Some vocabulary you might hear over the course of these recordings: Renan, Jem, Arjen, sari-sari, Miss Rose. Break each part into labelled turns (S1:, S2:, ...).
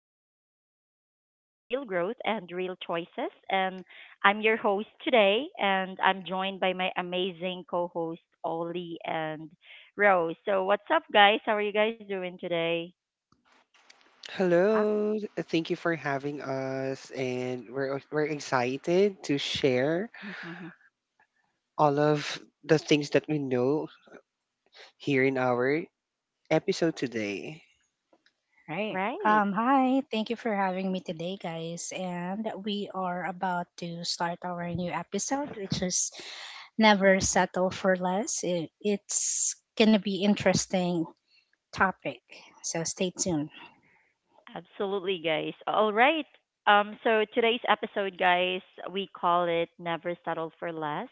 S1: we talk about a real life, real growth, and real choices. And I'm your host today, and I'm joined by my amazing co host, Ollie and Rose. So, what's up, guys? How are you guys doing today?
S2: Ah,
S3: Hello, thank you for having us, and we're excited to share all of the things that we know here in our episode today.
S2: Right.
S1: Right.
S2: Hi, thank you for having me today, guys. And we are about to start our new episode, which is Never Settle for Less. It's going to be interesting topic, so stay tuned.
S1: Absolutely, guys. All right. So today's episode, guys, we call it Never Settle for Less.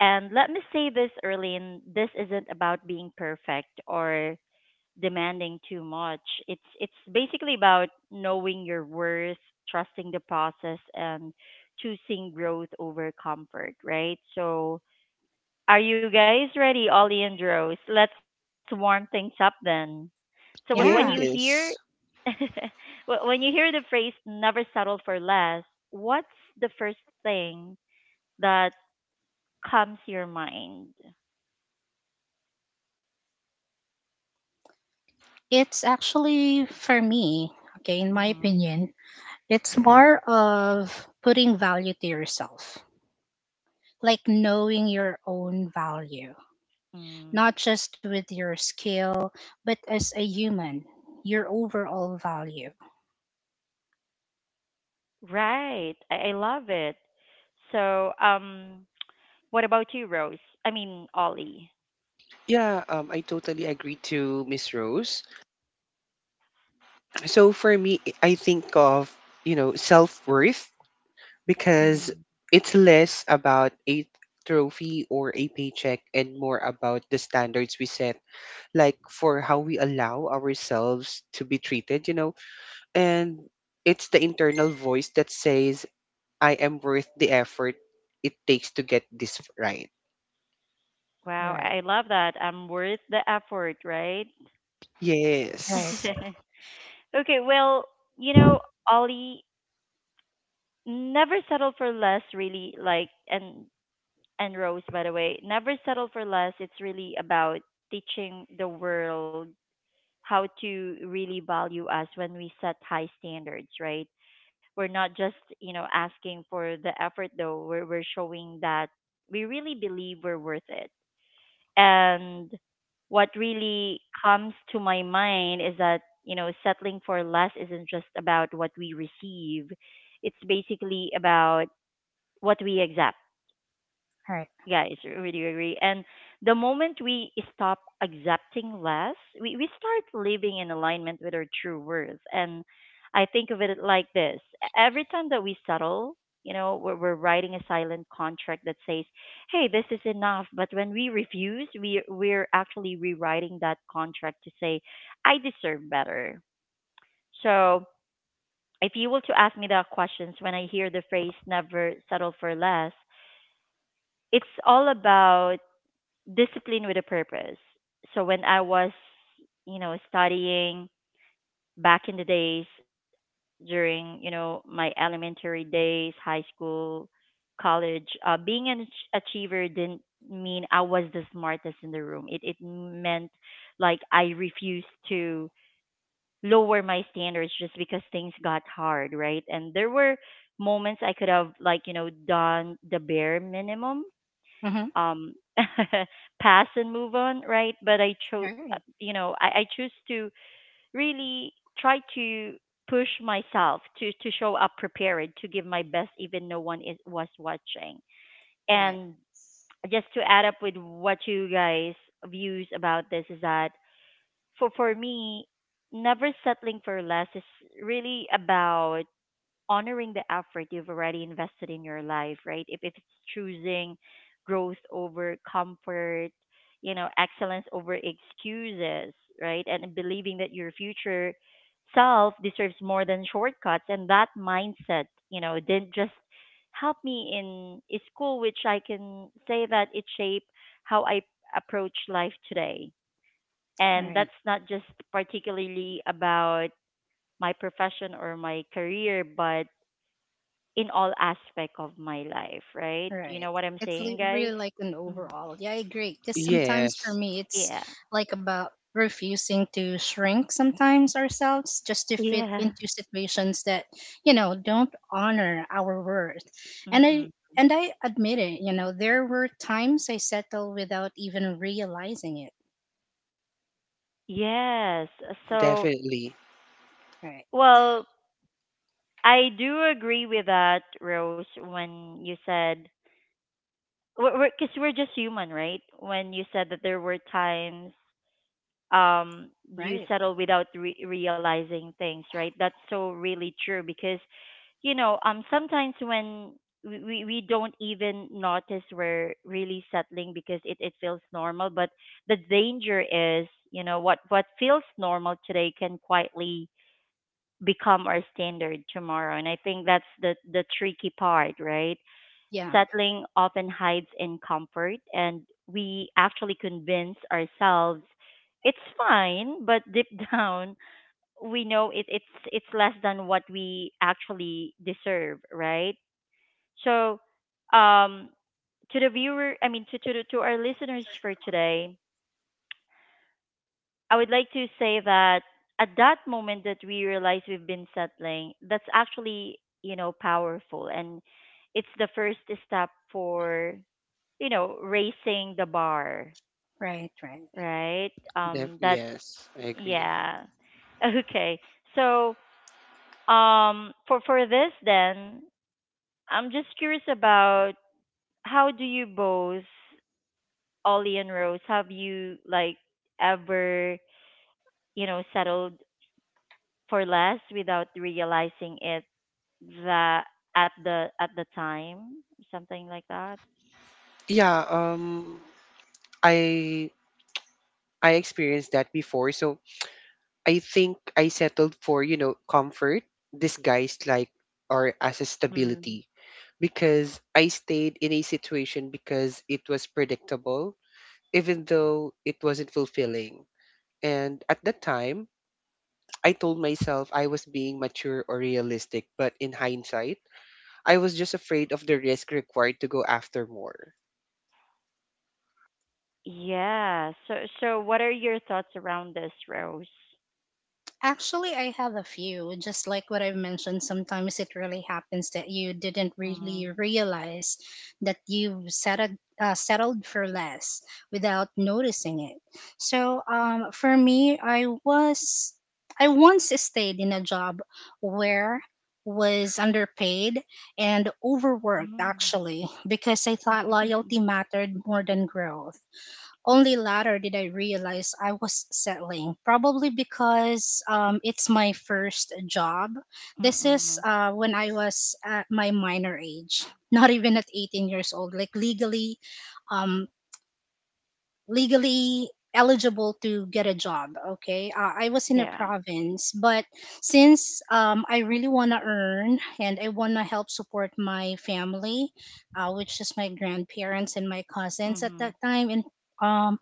S1: And let me say this early in this isn't about being perfect or demanding too much. It's basically about knowing your worth, trusting the process and choosing growth over comfort, right? So are you guys ready, Ollie and Rose? Let's warm things up then. So when you
S2: Yeah,
S1: hear
S3: Yes.
S1: when you hear the phrase "never settle for less," what's the first thing that comes to your mind?
S2: it's actually for me, okay, in my
S1: hmm
S2: opinion, it's more of putting value to yourself, like knowing your own value.
S1: Mm.
S2: Not just with your skill, but as a human, your overall value.
S1: Right, I love it. So, what about you, Rose? I mean, Ollie.
S3: Yeah, I totally agree to Miss Rose. So for me, I think of, self-worth, because
S1: Mm.
S3: it's less about a trophy or a paycheck and more about the standards we set, like for how we allow ourselves to be treated. And it's the internal voice that says, I am worth the effort it takes to get this right.
S1: Wow, I
S2: Right,
S1: I love that. I'm worth the effort, right?
S2: right,
S3: Yes.
S2: right,
S1: Okay, well, you know, Ollie, never settle for less really and Rose, by the way, never settle for less. It's really about teaching the world how to really value us when we set high standards, right? We're not just, you know, asking for the effort though. We're showing that we really believe we're worth it. And what really comes to my mind is that, you know, settling for less isn't just about what we receive. It's basically about what we accept
S2: right.
S1: yeah, it's really agree. And the moment we stop accepting less, we start living in alignment with our true worth. And I think of it like this every time that we settle, you know, we're writing a silent contract that says, hey, this is enough. But when we refuse, we're actually rewriting that contract to say, I deserve better. So if you were to ask me that questions when I hear the phrase never settle for less, it's all about discipline with a purpose. So when I was, you know, studying back in the days during, you know, my elementary days, high school, college, being an achiever didn't mean I was the smartest in the room. It meant like I refused to lower my standards just because things got hard, right? And there were moments I could have like, you know, done the bare minimum
S2: Mm-hmm.
S1: um pass and move on, right? But I chose
S2: Right,
S1: you know I choose to really try to push myself to show up prepared to give my best even no one is was watching.
S2: right,
S1: And just to add up with what you guys views about this is that for me never settling for less is really about honoring the effort you've already invested in your life, right? If it's choosing growth over comfort, you know, excellence over excuses, right? And believing that your future self deserves more than shortcuts. And that mindset, you know, didn't just help me in school, which I can say that it shaped how I approach life today. And
S2: right.
S1: that's not just particularly about my profession or my career, but in all aspect of my life, right? You
S2: Right.
S1: know what I'm
S2: It's
S1: saying, guys?
S2: really like an
S1: Mm.
S2: overall. Yeah, I agree. Because sometimes for
S3: Yes.
S2: me, it's
S1: Yeah.
S2: like about refusing to shrink sometimes ourselves just to fit
S1: Yeah.
S2: into situations that, you know, don't honor our worth. And I
S1: Mm-mm.
S2: and I admit it, there were times I settled without even realizing it.
S1: Yes. So,
S3: Definitely.
S2: Right.
S1: well, I do agree with that, Rose, when you said, because we're, 'cause we're just human, right? When you said that there were times um you
S2: Right.
S1: settle without realizing things, right? That's so really true because you know sometimes when we don't even notice we're really settling because it feels normal, but the danger is, you know, what feels normal today can quietly become our standard tomorrow. And I think that's the tricky part, right?
S2: Yeah.
S1: Settling often hides in comfort, and we actually convince ourselves it's fine, but deep down, we know it's less than what we actually deserve, right? So, um, to the viewer, I mean, to to our listeners for today, I would like to say that at that moment that we realize we've been settling, that's actually you know powerful, and it's the first step for you know raising the bar,
S2: Right. Right.
S1: right?
S3: Def-
S1: That
S3: yes, I agree.
S1: yeah Okay. So for this then, I'm just curious about how do you both Ollie and Rose, have you like ever, you know, settled for less without realizing it, that at the time, something like that.
S3: Yeah, I I experienced that before. So I think I settled for, comfort disguised, like, or as a
S1: Mm.
S3: stability, because I stayed in a situation because it was predictable, even though it wasn't fulfilling. And at that time, I told myself I was being mature or realistic, but in hindsight, I was just afraid of the risk required to go after more.
S1: Yeah. So so what are your thoughts around this, Rose?
S2: Actually, I have a few. Just like what I've mentioned, sometimes it really happens that you didn't really
S1: Mm,
S2: realize that you've settled, settled for less without noticing it. So, for me, I once stayed in a job where was underpaid and overworked
S1: mm,
S2: actually because I thought loyalty mattered more than growth. Only later did I realize I was settling, probably because it's my first job. This is
S1: mm-mm.
S2: when I was at my minor age, not even at 18 years old, like legally, um, legally eligible to get a job. Okay, I was in a
S1: Yeah.
S2: province, but since I really want to earn and I want to help support my family, which is my grandparents and my cousins at that
S1: Mhm.
S2: time, and um,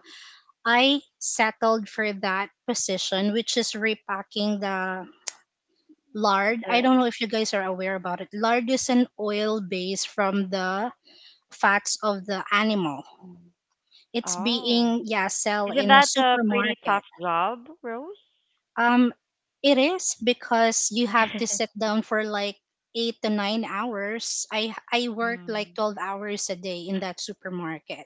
S2: I settled for that position, which is repacking the lard. I
S1: The
S2: don't know if you guys are aware about it. Lard is an oil base from the fats of the animal.
S1: mm.
S2: It's
S1: Oh.
S2: being, yeah, sell
S1: Isn't
S2: in a
S1: that a pretty tough
S2: supermarket.
S1: job, Rose?
S2: Um, it is because you have to sit down for like 8 to 9 hours. I work like
S1: Mm.
S2: 12 hours a day in that supermarket.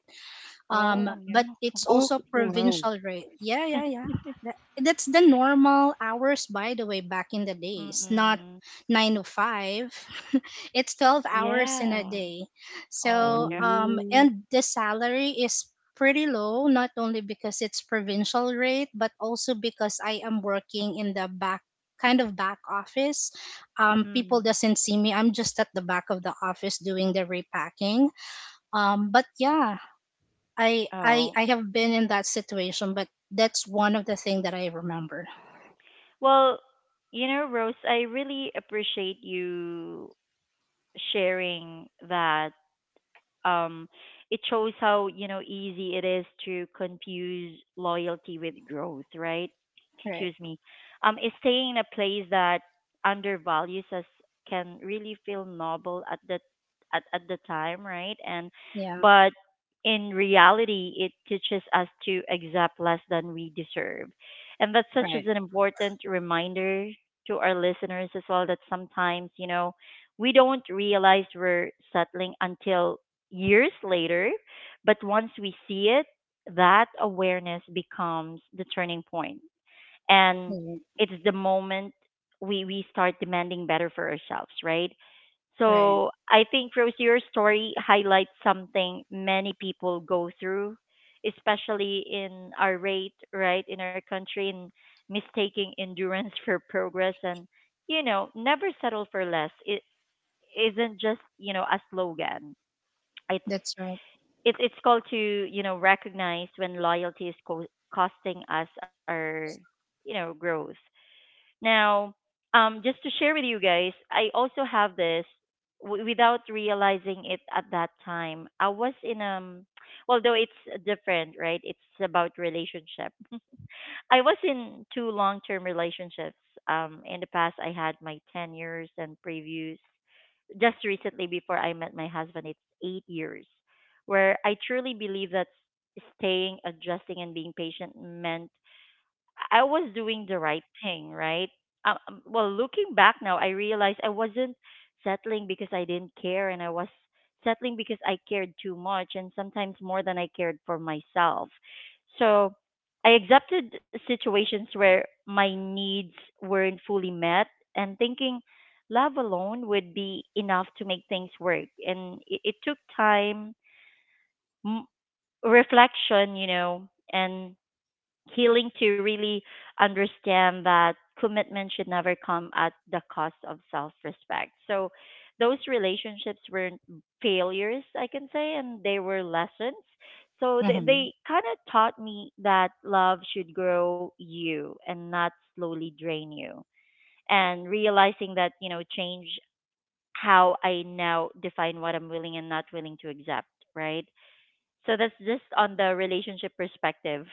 S1: Oh
S2: But
S1: no.
S2: it's
S3: Oh,
S2: also
S3: wow.
S2: provincial rate. Yeah, yeah, yeah. That- that's the normal hours, by the way, back in the days, not
S1: Mm-mm.
S2: 9 to 5. It's 12 hours in a
S1: Yeah.
S2: day.
S1: Oh
S2: So
S1: no.
S3: Ooh.
S2: and the salary is pretty low, not only because it's provincial rate but also because I am working in the back, kind of back office.
S1: Mm.
S2: People doesn't see me. I'm just at the back of the office doing the repacking. But yeah, I I
S1: Oh.
S2: I have been in that situation, but that's one of the thing that I remember.
S1: Well, you know, Rose, I really appreciate you sharing that. Um, it shows how you know easy it is to confuse loyalty with growth, right?
S2: Right.
S1: Excuse me. Is staying in a place that undervalues us can really feel noble at the time, right? And
S2: Yeah.
S1: but in reality, it teaches us to accept less than we deserve. And that's such
S2: Right.
S1: as an important reminder to our listeners as well that sometimes, you know, we don't realize we're settling until years later, but once we see it, that awareness becomes the turning point. And
S2: Mhm.
S1: it's the moment we start demanding better for ourselves, right?
S2: Right.
S1: So I think, Rose, your story highlights something many people go through, especially in our rate, right, in our country, in mistaking endurance for progress. And, you know, never settle for less. It isn't just, you know, a slogan. It's
S2: That's right.
S1: it's called to you know recognize when loyalty is costing us our you know growth now. Just to share with you guys, I also have this without realizing it at that time. I was in well though it's different, right? It's about relationship. I was in two long term relationships. In the past, I had my 10 years and previous. Just recently, before I met my husband, it's 8 years, where I truly believe that staying, adjusting, and being patient meant I was doing the right thing, right? Well, looking back now, I realized I wasn't settling because I didn't care, and I was settling because I cared too much, and sometimes more than I cared for myself. So I accepted situations where my needs weren't fully met, and thinking love alone would be enough to make things work. And it took time, m- reflection, you know, and healing to really understand that commitment should never come at the cost of self respect. So those relationships weren't failures, I can say, and they were lessons. So they,
S2: Hmm.
S1: they kind of taught me that love should grow you and not slowly drain you. And realizing that, you know, change how I now define what I'm willing and not willing to accept, right? So that's just on the relationship perspective.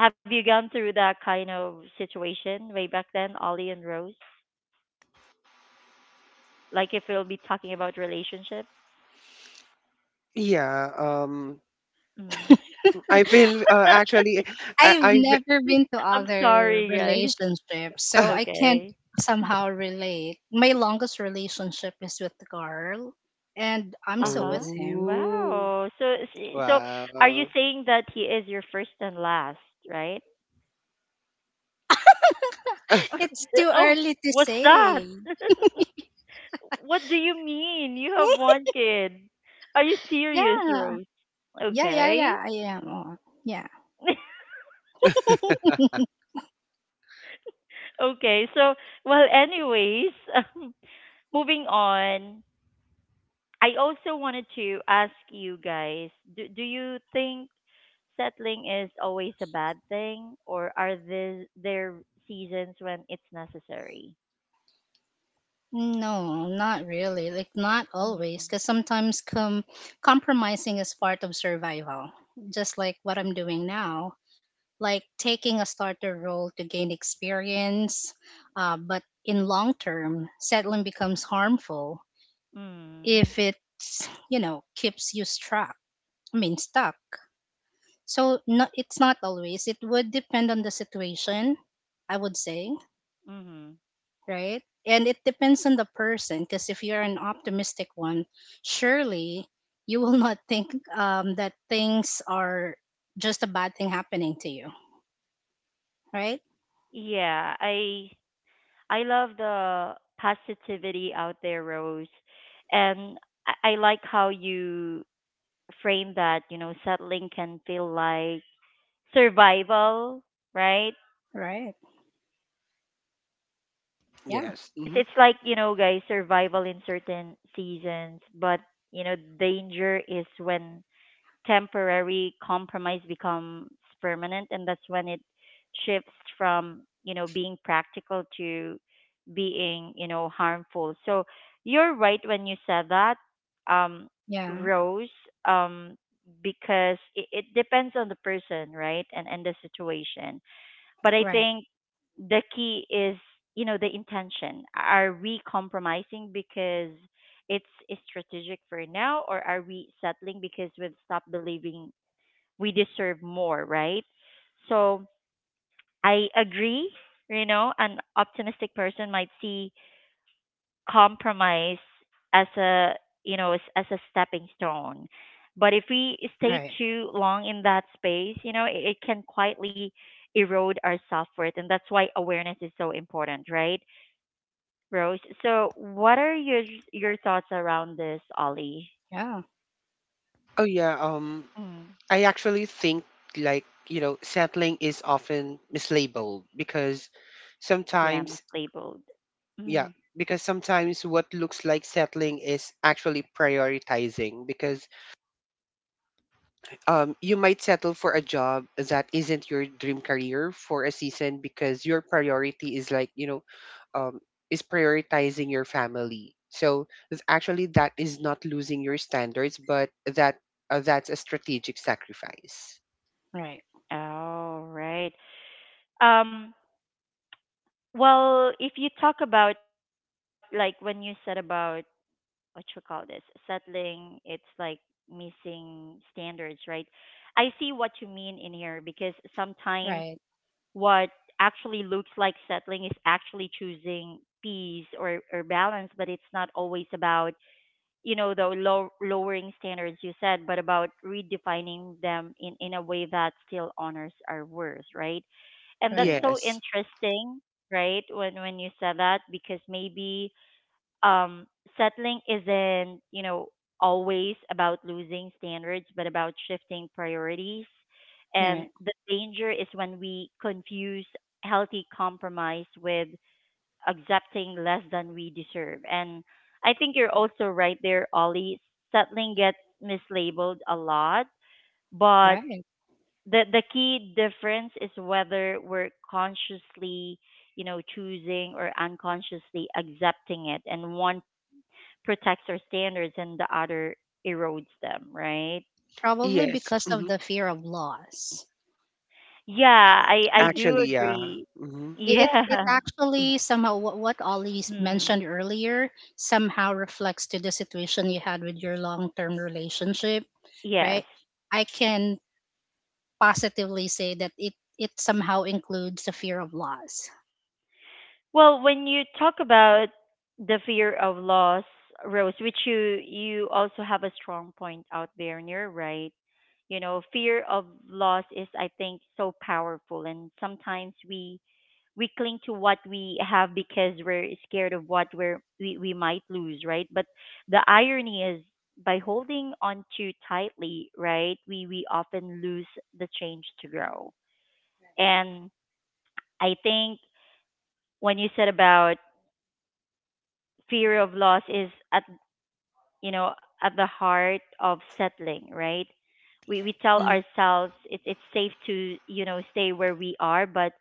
S1: Have you gone through that kind of situation way back then, Ollie and Rose? Like if we'll be talking about relationship?
S3: Yeah,
S1: Mm.
S3: I've been actually, I
S2: I've
S3: I've been-
S2: never been to
S1: I'm
S2: other
S1: sorry, guys.
S2: relationships, so I can't
S1: Okay.
S2: somehow relate. My longest relationship is with the girl, and I'm
S1: Uh
S2: still
S1: huh.
S2: with him.
S3: Oh,
S1: Wow. So, so are you
S3: wow.
S1: saying that he is your first and last, right?
S2: It's too
S1: Oh,
S2: early to
S1: what's that?
S2: say.
S1: What do you mean? You have one kid. Are you serious,
S2: Yeah.
S1: Rose?
S2: Yeah. Yeah.
S1: Okay.
S2: Yeah. I am. Oh, yeah.
S1: Okay. So, well, anyways, moving on, I also wanted to ask you guys, do you think settling is always a bad thing or are there seasons when it's necessary?
S2: No, not really. Like not
S1: Mm.
S2: always, because sometimes compromising is part of survival. Just like what I'm doing now, like taking a starter role to gain experience. But in long term, settling becomes harmful
S1: Mm.
S2: if it's, you know, keeps you stuck. I mean stuck. So no, it's not always. It would depend on the situation, I would say.
S1: Mhm.
S2: Right? And it depends on the person because if you're an optimistic one, surely you will not think that things are just a bad thing happening to you, right?
S1: Yeah, I love the positivity out there, Rose. And I like how you frame that, you know, settling can feel like survival, right?
S2: Right. Yeah.
S3: Yes.
S1: it's
S3: Hmm.
S1: it's like you know guys survival in certain seasons, but you know danger is when temporary compromise becomes permanent, and that's when it shifts from you know being practical to being you know harmful. So you're right when you said that um
S2: Yeah.
S1: Rose, um because it depends on the person, right, and the situation, but I
S2: Right.
S1: think the key is, you know, the intention. Are we compromising because it's strategic for now, or are we settling because we've stopped believing we deserve more, right? So I agree, you know, an optimistic person might see compromise as a you know as a stepping stone, but if we stay
S2: Right.
S1: too long in that space, you know, it can quietly erode our self-worth. And that's why awareness is so important, right, Rose? So what are your thoughts around this, Ollie?
S2: Yeah.
S3: Oh yeah.
S1: Mm.
S3: I actually think, like, settling is often mislabeled because
S1: Yeah,
S3: sometimes
S1: mislabeled.
S3: Yeah,
S1: Mm.
S3: because sometimes what looks like settling is actually prioritizing, because you might settle for a job that isn't your dream career for a season because your priority is um, is prioritizing your family. So actually, that is not losing your standards, but that's a strategic sacrifice.
S2: Right.
S1: Oh, right. um well, if you talk about, like, when you said about what you call this, settling, it's like missing standards, right? I see what you mean in here, because sometimes
S2: Right.
S1: what actually looks like settling is actually choosing peace or balance. But it's not always about, you know, the lowering standards you said, but about redefining them in a way that still honors our worth, right? And that's
S2: Right.
S1: so
S3: Yes.
S1: interesting, right, when you said that. Because maybe um, settling isn't, you know, always about losing standards, but about shifting priorities. And
S2: Right.
S1: the danger is when we confuse healthy compromise with accepting less than we deserve. And I think you're also right there, Ollie. Settling gets mislabeled a lot, but
S2: Right.
S1: the key difference is whether we're consciously, you know, choosing or unconsciously accepting it. And one protects our standards and the other erodes them, right?
S2: Probably
S3: Yes.
S2: because of
S3: Hmm.
S2: the fear of loss.
S1: Yeah, I
S2: Yeah.
S1: do
S3: Actually, yeah.
S1: agree.
S3: Hmm.
S2: It
S1: Yeah.
S2: actually somehow what Ollie
S1: Hmm.
S2: mentioned earlier somehow reflects to the situation you had with your long term relationship, right?
S1: Yes.
S2: I can positively say that it somehow includes the fear of loss.
S1: Well, when you talk about the fear of loss, Rose, which you also have a strong point out there, and you're right. You know, fear of loss is, I think, so powerful, and sometimes we cling to what we have, because we're scared of what we might lose, right? But the irony is, by holding on too tightly, right, we often lose the change to grow. And I think when you said about fear of loss is at, you know, at the heart of settling, right, we tell
S3: Mm.
S1: ourselves it's safe to, you know, stay where we are. But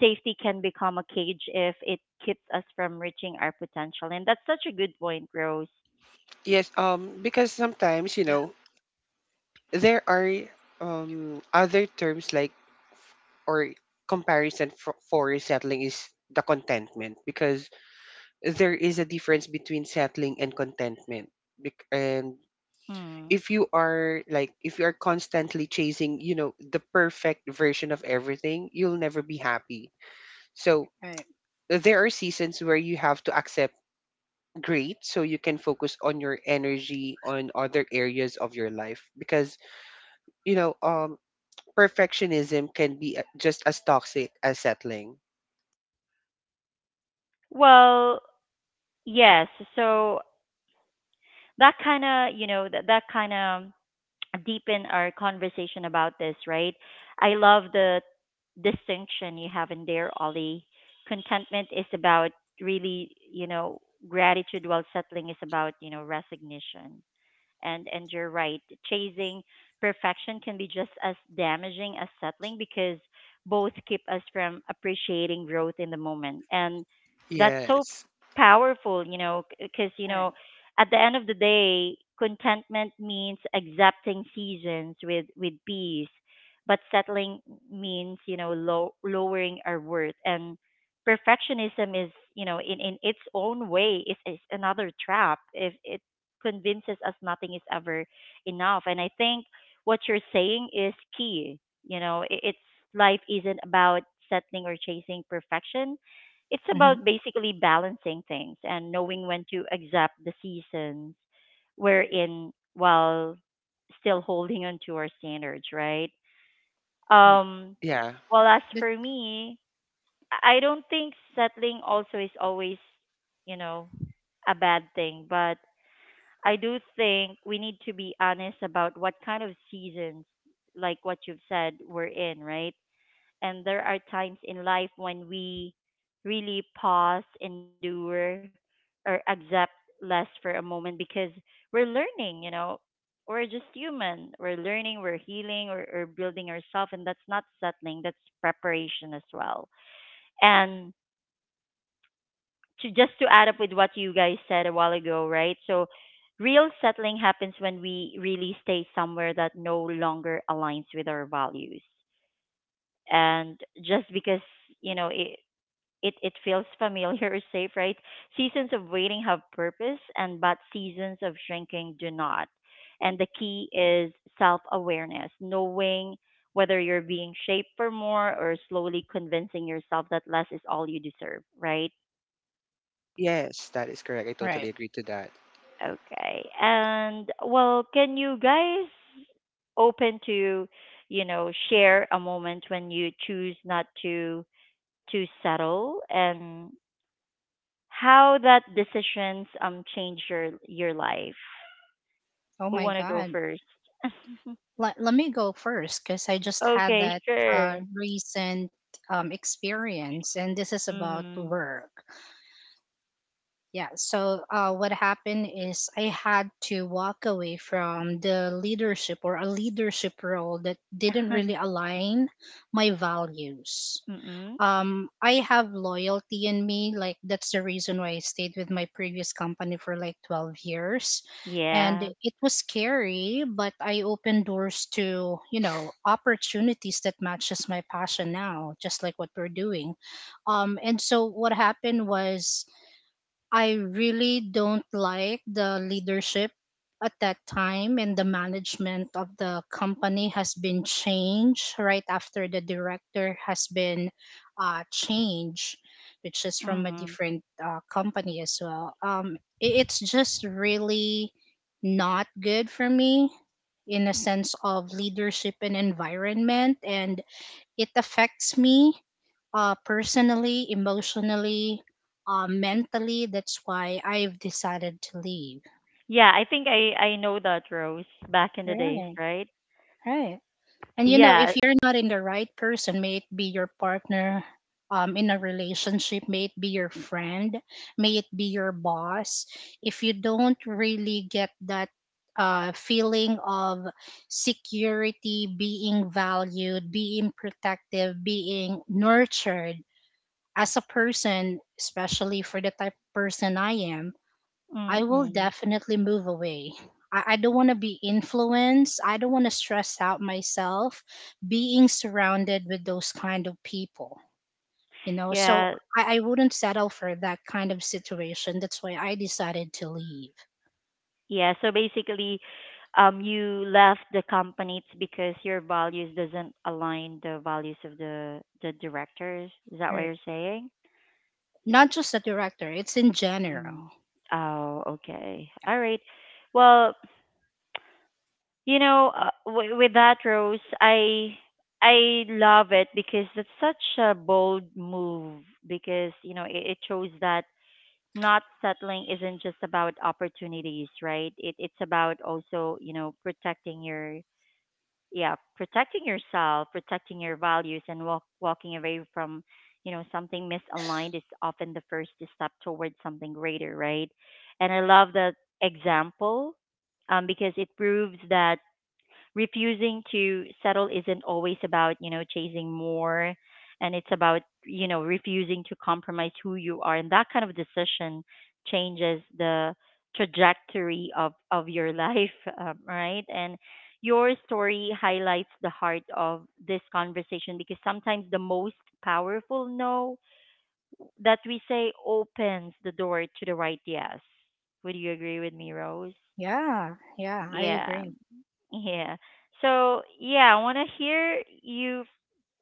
S1: safety can become a cage if it keeps us from reaching our potential. And that's such a good point, Rose.
S3: Yes, because sometimes,
S2: Yeah.
S3: there are other terms, like, or comparison for settling, is the contentment, because there is a difference between settling and contentment. And
S1: Hmm.
S3: if you are like, if you are constantly chasing the perfect version of everything, you'll never be happy. So
S2: Right.
S3: there are seasons where you have to accept great so you can focus on your energy on other areas of your life, because you know um perfectionism can be, just as toxic as settling.
S1: Well, yes, so that kind of, you know, that kind of deepen our conversation about this, right? I love the distinction you have in there, Ollie. Contentment is about really, you know, gratitude, while settling is about, you know, resignation. And you're right, chasing perfection can be just as damaging as settling, because both keep us from appreciating growth in the moment. And that's so
S3: Yes.
S1: powerful, you know, because, you
S2: All right.
S1: know, at the end of the day, contentment means accepting seasons with peace. But settling means, you know, lowering our worth. And perfectionism is, you know, in its own way is another trap if it convinces us nothing is ever enough. And I think what you're saying is key. You know, I- it's life isn't about settling or chasing perfection. It's
S2: Mm-hmm.
S1: about basically balancing things and knowing when to accept the seasons we're in while still holding on to our standards, right?
S2: Yeah.
S1: Um,
S3: Yeah.
S1: well, as
S2: But-
S1: for me, I don't think settling also is always, you know, a bad thing. But I do think we need to be honest about what kind of seasons, like what you've said, we're in, right? And there are times in life when we really pause, endure, or accept less for a moment, because we're learning, you know. We're just human. We're learning, we're healing, or building ourselves. And that's not settling, that's preparation as well. And to, just to add up with what you guys said a while ago, right? So real settling happens when we really stay somewhere that no longer aligns with our values. And just because, you know, it feels familiar or safe, right? Seasons of waiting have purpose, and but seasons of shrinking do not. And the key is self awareness, knowing whether you're being shaped for more or slowly convincing yourself that less is all you deserve, right?
S3: Yes, that is correct. I totally
S2: right.
S3: agree to that.
S1: Okay. And, well, can you guys open to, you know, share a moment when you choose not to settle and how that decisions change your life?
S2: Oh
S1: Who
S2: my
S1: want to go
S2: God.
S1: first?
S2: Let Let me go first because I just had
S1: Okay,
S2: that
S1: sure.
S2: recent experience, and this is about
S1: Mhm.
S2: work. Yeah, so what happened is I had to walk away from the leadership or a leadership role that didn't really align my values.
S1: Mhm.
S2: I have loyalty in me, like that's the reason why I stayed with my previous company for like 12 years. And
S1: Yeah.
S2: it was scary, but I opened doors to, you know, opportunities that matches my passion now, just like what we're doing. And so what happened was I really don't like the leadership at that time and the management of the company has been changed right after the director has been changed, which is from a
S1: Mhm.
S2: different company as well. It's just really not good for me in a sense of leadership and environment, and it affects me personally, emotionally, mentally. That's why I've decided to leave.
S1: Yeah, I think I know that, Rose, back in the days,
S2: Right,
S1: right?
S2: right. And you know, if
S1: Yeah.
S2: you're not in the right person, may it be your partner in a relationship, may it be your friend, may it be your boss, if you don't really get that feeling of security, being valued, being protective, being nurtured, as a person, especially for the type of person I am, I will
S1: Mm-mm.
S2: definitely move away. I don't want to be influenced. I don't want to stress out myself being surrounded with those kind of people, you know? So
S1: Yeah.
S2: I wouldn't settle for that kind of situation. That's why I decided to leave.
S1: Yeah, so basically, you left the company, it's because your values doesn't align the values of the directors. Is that what
S2: Er,
S1: you're saying?
S2: Not just the director, it's in general.
S1: Mm. Oh, okay. All right. Well, you know, with that, Rose, I love it, because it's such a bold move. Because, you know, it shows that not settling isn't just about opportunities, right? It's about also, you know, protecting your, yeah, protecting yourself, protecting your values. And walking away from, you know, something misaligned is often the first step towards something greater, right? And I love that example. Because it proves that refusing to settle isn't always about, you know, chasing more. And it's about, you know, refusing to compromise who you are. And that kind of decision changes the trajectory of your life. Right. And your story highlights the heart of this conversation, because sometimes the most powerful no that we say opens the door to the right yes. Would you agree with me, Rose?
S2: Yeah, yeah, I
S1: Yeah.
S2: agree.
S1: Yeah. So, yeah, I want to hear you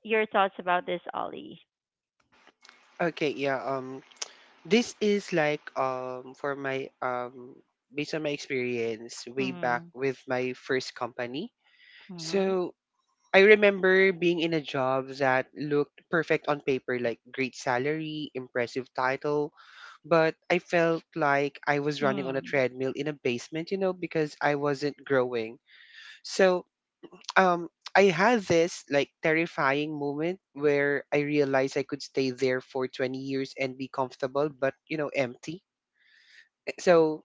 S1: your thoughts about this, Ollie.
S3: Okay, yeah. This is, like, for my based on my experience way back
S1: Mhm.
S3: with my first company.
S1: Mhm.
S3: So I remember being in a job that looked perfect on paper, like great salary, impressive title, but I felt like I was running on a
S1: Mm.
S3: treadmill in a basement, because I wasn't growing. So um I had this, like, terrifying moment where I realized I could stay there for 20 years and be comfortable, but empty. So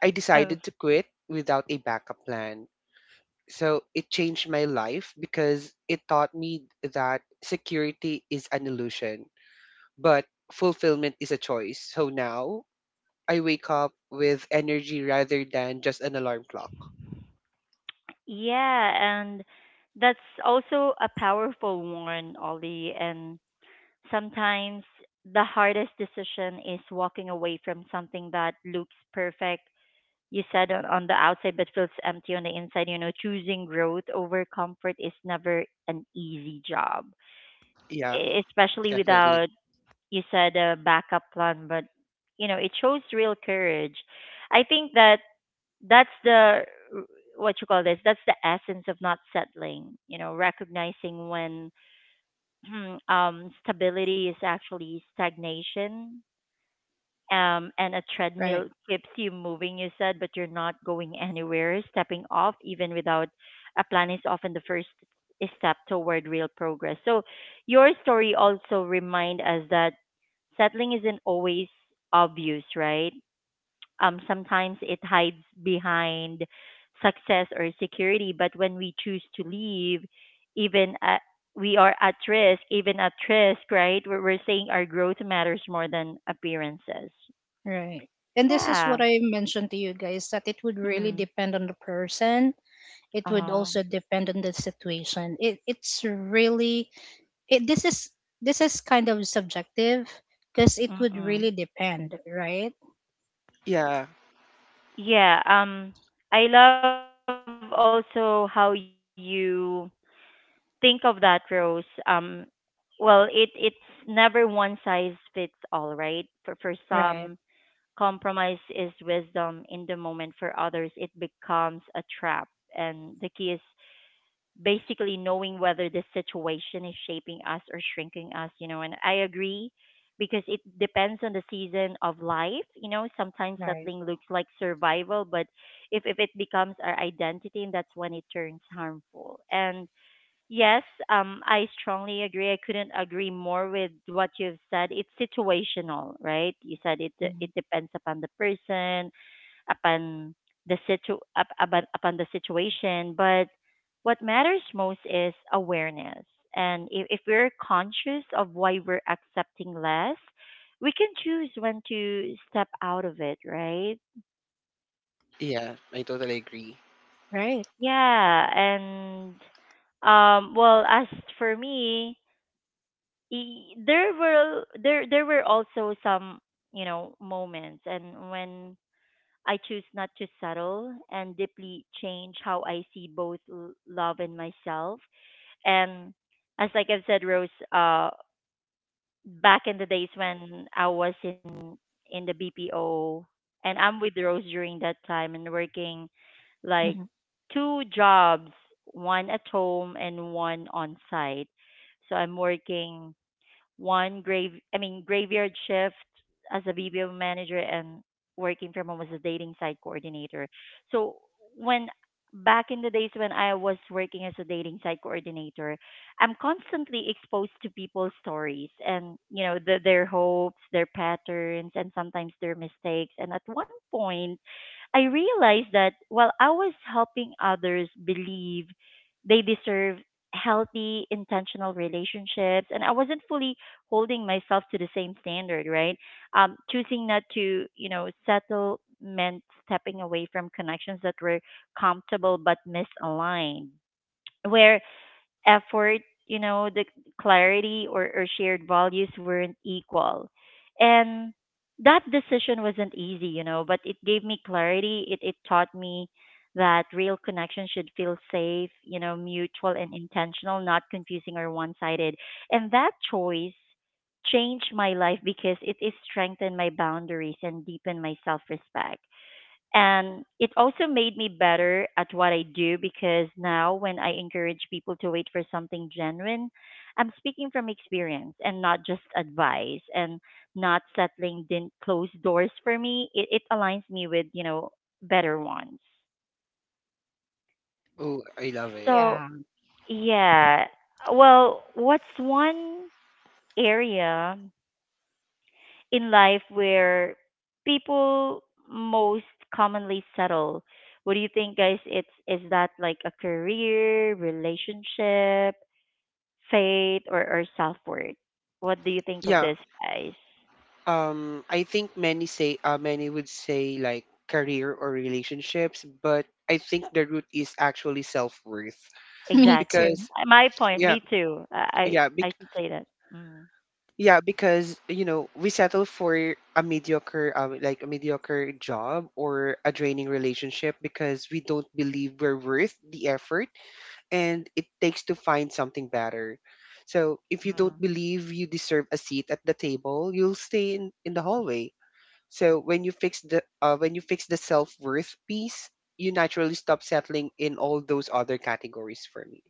S3: I
S1: Oh.
S3: decided to quit without a backup plan. So it changed my life because it taught me that security is an illusion, but fulfillment is a choice. So now I wake up with energy rather than just an alarm clock.
S1: Yeah, and that's also a powerful one, Ollie. And sometimes the hardest decision is walking away from something that looks perfect. You said on the outside, but feels empty on the inside. You know, choosing growth over comfort is never an easy job.
S3: Yeah,
S1: Especially
S3: definitely.
S1: without, you said, a backup plan. But, you know, it shows real courage. I think that's the r- what you call this, that's the essence of not settling, you know, recognizing when stability is actually stagnation. And a treadmill
S2: Right,
S1: keeps you moving, you said, but you're not going anywhere. Stepping off, even without a plan, is often the first step toward real progress. So, your story also remind us that settling isn't always obvious, right? Sometimes it hides behind success or security. But when we choose to leave, even at even at risk, right? We're saying our growth matters more than appearances.
S2: right. And this is
S1: Yeah.
S2: what I mentioned to you guys that it would really
S1: Mm.
S2: depend on the person. It would
S1: Uh-huh.
S2: also depend on the situation. It's really it, this is this is kind of subjective because it would
S1: Mm-mm.
S2: really depend, right?
S3: Yeah,
S1: Yeah. I love also how you think of that, Rose. Well, it's never one size fits all, right? For some,
S2: Right.
S1: compromise is wisdom in the moment. For others, it becomes a trap. And the key is basically knowing whether the situation is shaping us or shrinking us, you know. And I agree, because it depends on the season of life, you know. Sometimes
S2: Right.
S1: settling looks like survival. But if it becomes our identity, and that's when it turns harmful. And yes, I strongly agree. I couldn't agree more with what you've said. It's situational, right? You said it
S2: Mhm.
S1: it depends upon the person, upon the upon the situation. But what matters most is awareness. And if we're conscious of why we're accepting less, we can choose when to step out of it, right?
S3: yeah, I totally agree.
S2: Right.
S1: Yeah. And well, as for me, there were also some, you know, moments and when I choose not to settle, and deeply change how I see both love and myself. And, as like I've said, Rose, back in the days when I was in the BPO, and I'm with Rose during that time and working like
S2: Mhm.
S1: two jobs, one at home and one on site. So I'm working one grave I mean graveyard shift as a BPO manager and working from home as a dating site coordinator. So, when back in the days when I was working as a dating site coordinator, I'm constantly exposed to people's stories. And, you know, their hopes, their patterns, and sometimes their mistakes. And at one point, I realized that while I was helping others believe they deserve healthy, intentional relationships, and I wasn't fully holding myself to the same standard, right? Choosing not to, you know, settle meant stepping away from connections that were comfortable but misaligned. Where effort, you know, the clarity or shared values weren't equal. And that decision wasn't easy, you know, but it gave me clarity. It taught me that real connection should feel safe, you know, mutual and intentional, not confusing or one sided. And that choice changed my life, because it strengthened my boundaries and deepened my self respect. And it also made me better at what I do, because now when I encourage people to wait for something genuine, I'm speaking from experience and not just advice. And not settling closed doors for me. It aligns me with, you know, better ones.
S3: Oh, I love it.
S1: So,
S2: Yeah.
S1: yeah. Well, what's one area in life where people most commonly settle? What do you think, guys? It's Is that like a career, relationship, faith, or self worth? What do you think of
S3: Yeah,
S1: this, guys?
S3: I think many say, many would say, like, career or relationships, but I think the root is actually self worth,
S2: Me
S1: Exactly.
S2: too.
S3: because
S1: My point.
S3: yeah,
S1: Me too. I
S3: yeah,
S1: I, I should say that. Mm,
S3: Yeah, because we settle for a mediocre job or a draining relationship, because we don't believe we're worth the effort and it takes to find something better. So if you
S1: mm.
S3: don't believe you deserve a seat at the table, you'll stay in the hallway. So when you fix the self worth piece, you naturally stop settling in all those other categories for me.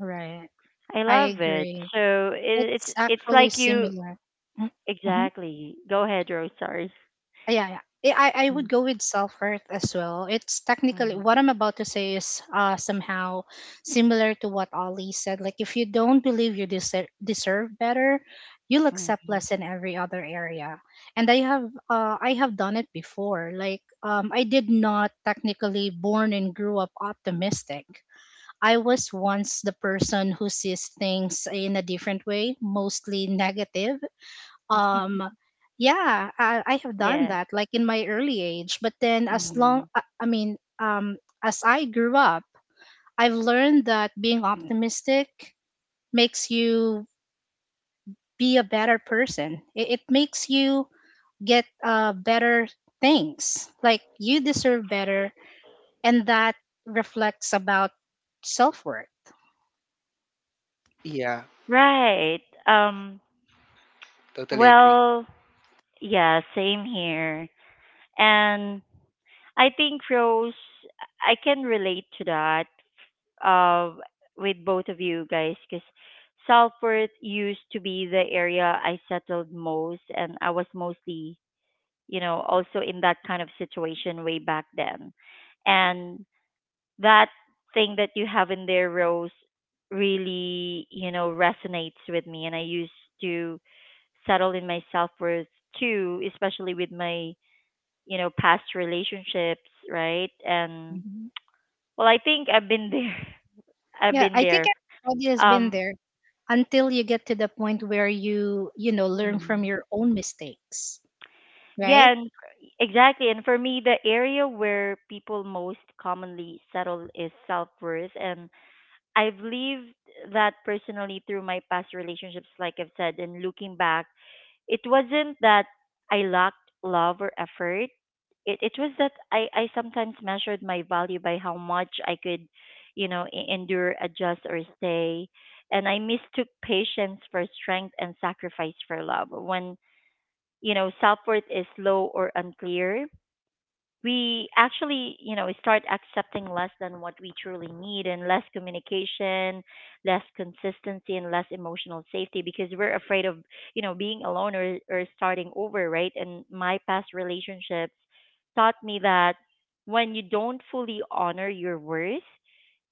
S2: Right.
S1: I
S2: I
S1: love it.
S2: agree.
S1: So it,
S2: It's
S1: it's it's
S2: actually
S1: like you
S2: similar. Mhm. Mhm.
S1: exactly. Go ahead, Rose. Sorry.
S2: Yeah, yeah. I would
S1: Mm,
S2: go with self worth as well. It's technically
S1: mm,
S2: what I'm about to say is somehow similar to what Ollie said. Like, if you don't believe you deserve better, you'll
S1: mm,
S2: accept
S1: mm.
S2: less in every other area. And I have done it before. Like, I did not technically born and grew up optimistic. I was once the person who sees things in a different way, mostly negative. um I have done
S1: Yeah.
S2: that like in my early age, but then
S1: Mm-hmm.
S2: I mean, as I grew up, I've learned that being optimistic makes you be a better person. It makes you get better things, like you deserve better, and that reflects about self-worth.
S3: Yeah,
S1: Right. Um,
S3: totally agree.
S1: well, yeah, same here. And I think, Rose, I can relate to that, uh, with both of you guys, because self worth used to be the area I settled most. And I was mostly, you know, also in that kind of situation way back then. And that thing that you have in there, Rose, really, resonates with me. And I used to settle in my self worth too, especially with my, past relationships, right? And
S2: Mhm.
S1: well, I think I've been there. I've
S2: Yeah,
S1: been
S2: I think
S1: there.
S2: everybody has been
S1: Um,
S2: there until you get to the point where you know, learn from
S1: mm,
S2: your own mistakes, right?
S1: yeah, and exactly. And for me, the area where people most commonly settle is self worth. And I've lived that personally through my past relationships, like I've said, and looking back, it wasn't that I lacked love or effort. It was that I sometimes measured my value by how much I could, endure, adjust, or stay. And I mistook patience for strength and sacrifice for love. When, self worth is low or unclear, we actually, start accepting less than what we truly need and less communication, less consistency and less emotional safety because we're afraid of, being alone or starting over, right? And my past relationships taught me that when you don't fully honor your worth,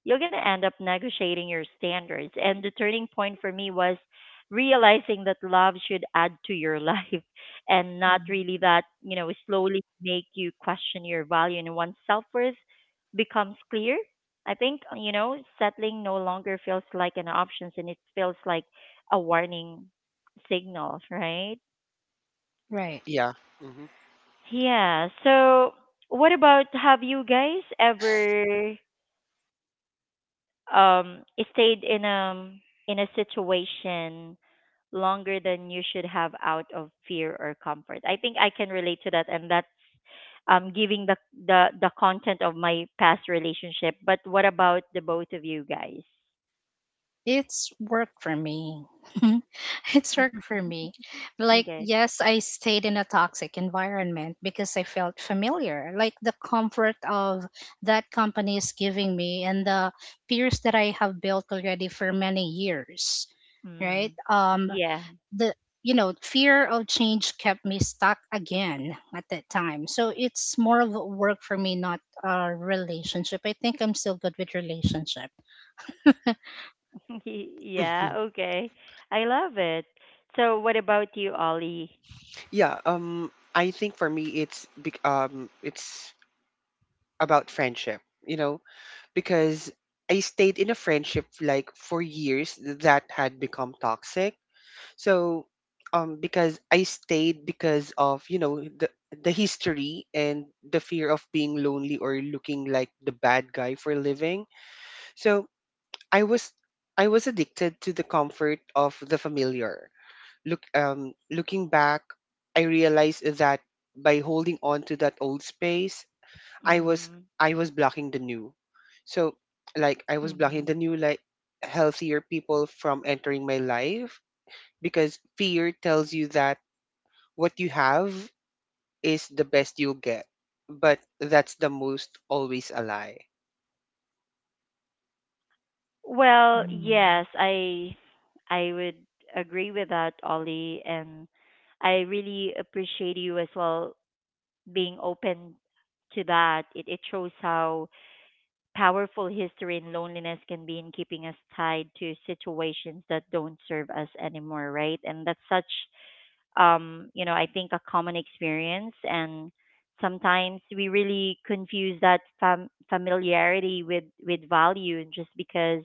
S1: you're going to end up negotiating your standards. And the turning point for me was realizing that love should add to your life and not
S2: Mm.
S1: really that, slowly make you question your value. And once self worth becomes clear, I think, settling no longer feels like an option and it feels like a warning signal, right?
S2: Right.
S3: Yeah.
S1: Yeah. So, what about have you guys ever um stayed in a situation longer than you should have out of fear or comfort. I think I can relate to that and that's giving the the content of my past relationship. But what about the both of you guys?
S2: It's work for me. It's work for me. Like,
S1: Okay.
S2: yes, I stayed in a toxic environment because I felt familiar. Like, the comfort of that company is giving me and the peers that I have built already for many years, right?
S1: Mm. Yeah.
S2: The, you know, fear of change kept me stuck again at that time. So it's more of a work for me, not a relationship. I think I'm still good with relationship.
S1: Yeah,
S3: Hmm.
S1: okay. I love it. So what about you, Ollie?
S3: Yeah, I think for me it's about friendship, you know, because I stayed in a friendship, like, for years, that had become toxic. So, because I stayed because of, the history and the fear of being lonely or looking like the bad guy for a living. So, I was I was addicted to the comfort of the familiar. Looking back, I realized that by holding on to that old space, i was
S1: Mm.
S3: I was blocking the new. So, like, I was blocking the
S1: Mm.
S3: new, like, healthier people from entering my life, because fear tells you that what you have is the best you'll get, but that's the most always a lie.
S1: Well,
S2: Mm.
S1: yes, I would agree with that, Ollie, and I really appreciate you as well being open to that. It shows how powerful history and loneliness can be in keeping us tied to situations that don't serve us anymore, right? And that's such I think a common experience. And sometimes we really confuse that familiarity with value. And just because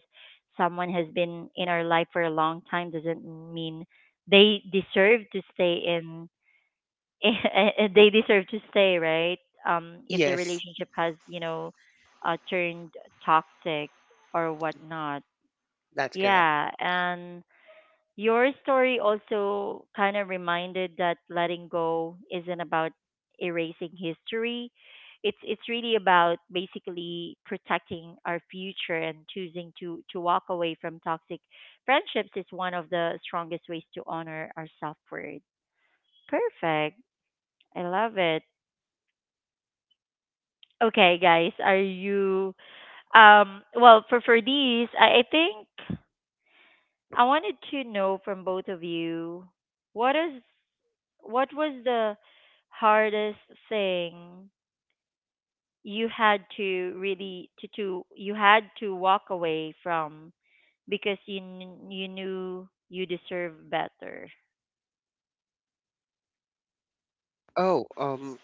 S1: someone has been in our life for a long time doesn't mean they deserve to stay in, they deserve to stay, right? If the
S3: Yes,
S1: relationship has, turned toxic or whatnot.
S3: that's correct.
S1: Yeah. And your story also kind of reminded that letting go isn't about erasing history. It's really about basically protecting our future and choosing to walk away from toxic friendships is one of the strongest ways to honor our self-worth. Perfect. I love it. Okay, guys, are you well for these, I think I wanted to know from both of you what is what was the hardest thing you had to really to, you had to walk away from because you you knew you deserve better.
S3: Oh,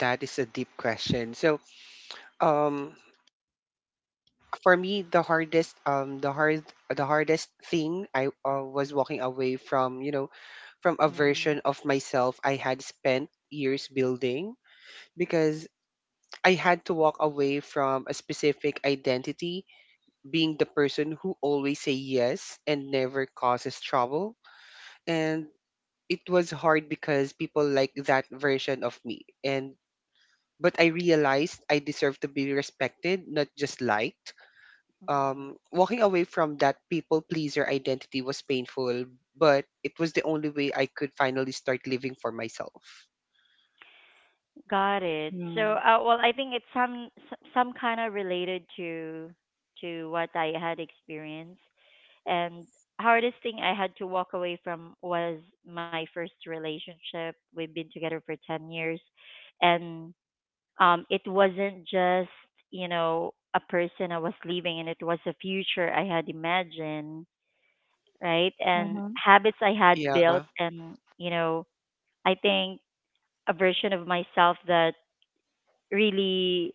S3: that is a deep question. So um for me, the hardest thing I was walking away from, a version
S1: Mm.
S3: of myself I had spent years building, because I had to walk away from a specific identity, being the person who always say yes and never causes trouble. And it was hard because people like that version of me, and but I realized I deserve to be respected, not just liked.
S1: Mm.
S3: Walking away from that people pleaser identity was painful, but it was the only way I could finally start living for myself.
S1: Got it.
S2: Yeah.
S1: So, well, I think it's some some kind of related to what I had experienced. And hardest thing I had to walk away from was my first relationship. We've been together for 10 years and it wasn't just, a person I was leaving and it was a future I had imagined, right? And
S2: Mhm.
S1: habits I had built
S3: Yeah.
S1: and, you know, I think a version of myself that really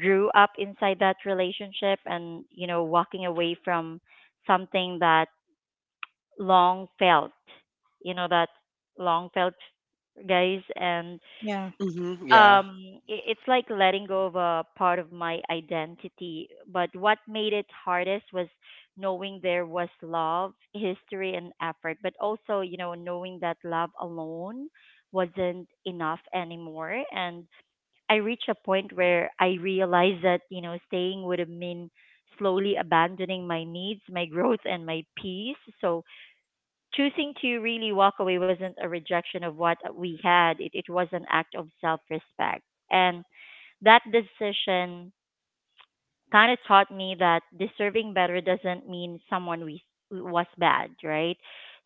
S1: grew up inside that relationship and, walking away from something that long felt. You know that long felt, guys, and
S2: Yeah.
S3: Mm-hmm. Yeah.
S1: it's like letting go of a part of my identity. But what made it hardest was knowing there was love, history, and effort, but also you know knowing that love alone wasn't enough anymore, and I reached a point where I realized that you know staying would have mean slowly abandoning my needs, my growth, and my peace. So choosing to really walk away wasn't a rejection of what we had. It was an act of self respect. And that decision kind of taught me that deserving better doesn't mean someone we was bad, right?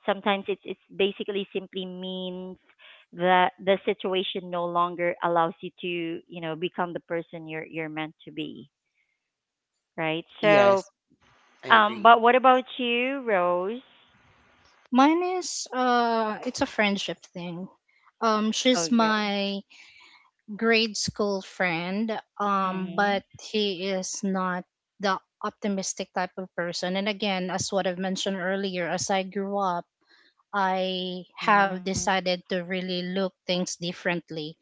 S1: Sometimes it's basically simply means that the situation no longer allows you to, become the person you're meant to be, right? So,
S3: Yes, I agree.
S1: but what about you, Rose?
S2: Mine is it's a friendship thing. She's
S1: Okay.
S2: my grade school friend,
S1: Mhm.
S2: but he is not the optimistic type of person. And again, as what I've mentioned earlier, as I grew up, I have
S1: Mhm.
S2: decided to really look things differently.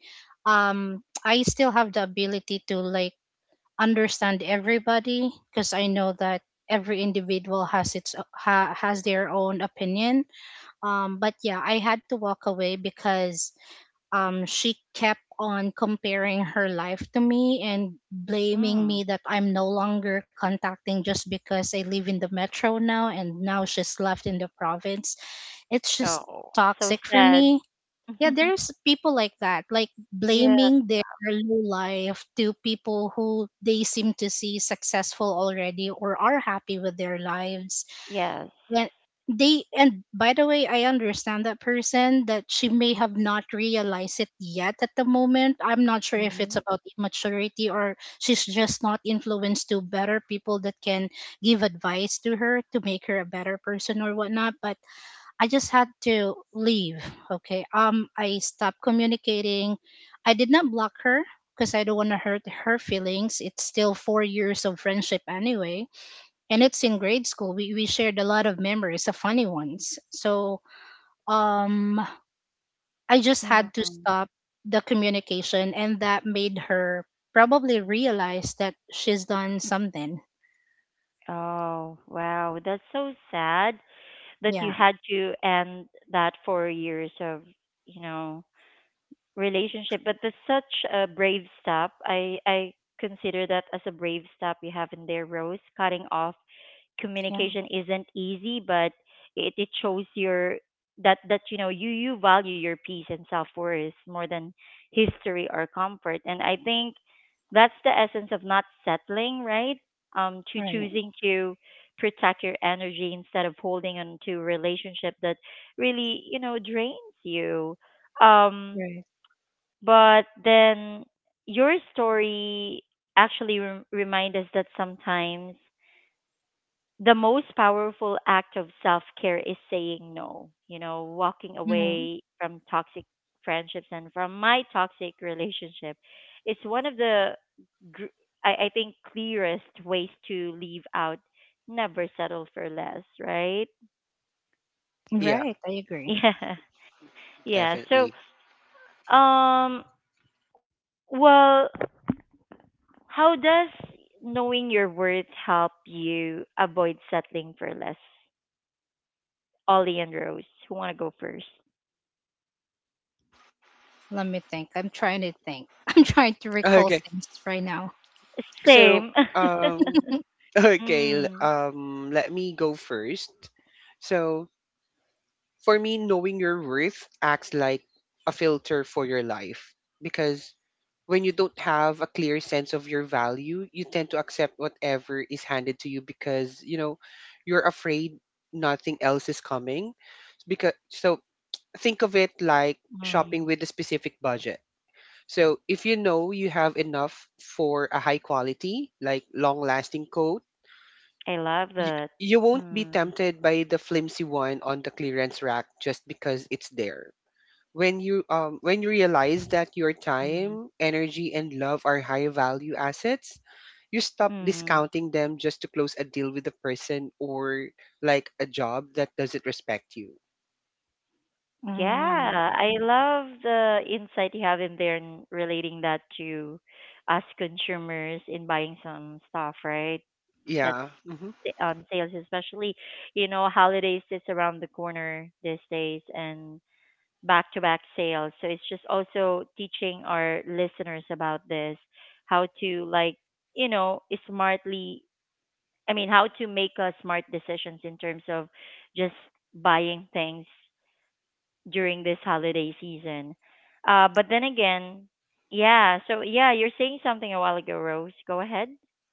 S2: I still have the ability to like understand everybody because I know that every individual has its has their own opinion. But yeah, I had to walk away because she kept on comparing her life to me and blaming
S1: Hmm.
S2: me that I'm no longer contacting just because I live in the metro now and now she's left in the province. It's just
S1: Oh, so
S2: toxic for
S1: sad.
S2: me. Yeah, there's people like that, like
S1: Yeah.
S2: blaming their low life to people who they seem to see successful already or are happy with their lives
S1: Yes.
S2: when they and by the way, I understand that person, that she may have not realized it yet at the moment. I'm not sure if
S1: Mm-hmm.
S2: it's about immaturity or she's just not influenced to better people that can give advice to her to make her a better person or whatnot, but I just had to leave. Okay. I stopped communicating. I did not block her because I don't want to hurt her feelings. It's still 4 years of friendship anyway. And it's in grade school. We shared a lot of memories, of funny ones. So um, I just had to
S1: Mm-hmm.
S2: stop the communication. And that made her probably realize that she's done something.
S1: Oh, wow. That's so sad that you
S2: Yeah.
S1: had to end that 4 years of, you know, relationship but that's such a brave step I consider that as a brave step you have in there, Rose. Cutting off
S2: Yeah.
S1: communication isn't easy but it shows your that that you know you you value your peace and self-worth more than history or comfort and I think that's the essence of not settling, right? To
S2: Right.
S1: choosing to protect your energy instead of holding on to a relationship that really you know drains you. um
S2: Right.
S1: but then your story actually remind us that sometimes the most powerful act of self-care is saying no, walking
S2: Mhm.
S1: away from toxic friendships and from my toxic relationship. It's one of the gr- I think clearest ways to leave out never settle for less, right?
S3: Yeah,
S2: Right. I agree.
S1: Yeah. Yeah. So,
S3: definitely.
S1: um well, how does knowing your worth help you avoid settling for less? Ollie and Rose, who want to go first?
S2: Let me think. I'm trying to think. I'm trying to recall
S3: Okay.
S2: things right now.
S3: So,
S1: Same.
S3: um, okay,
S1: Mm,
S3: let me go first. So, for me, knowing your worth acts like a filter for your life, because when you don't have a clear sense of your value, you tend to accept whatever is handed to you, because, you're afraid nothing else is coming. Because, so, think of it like
S1: mm.
S3: shopping with a specific budget. So if you know you have enough for a high quality, like long lasting coat,
S1: I love
S3: you,
S1: that.
S3: you won't be
S1: Mm,
S3: tempted by the flimsy one on the clearance rack just because it's there. When you realize that your
S1: mm,
S3: time, energy and love are high value assets, you stop
S1: mm.
S3: discounting them just to close a deal with a person or, like, a job that doesn't respect you.
S2: Um,
S1: Yeah, I love the insight you have in there and relating that to us consumers in buying some stuff, right? That's
S3: Yeah. Hmm.
S1: on sales, especially, holidays is around the corner these days and back to back sales. So it's just also teaching our listeners about this, how to like, you know, smartly, I mean, how to make smart decisions in terms of just buying things during this holiday season. But then again, yeah, so yeah, you're saying something a while ago, Rose. Go ahead.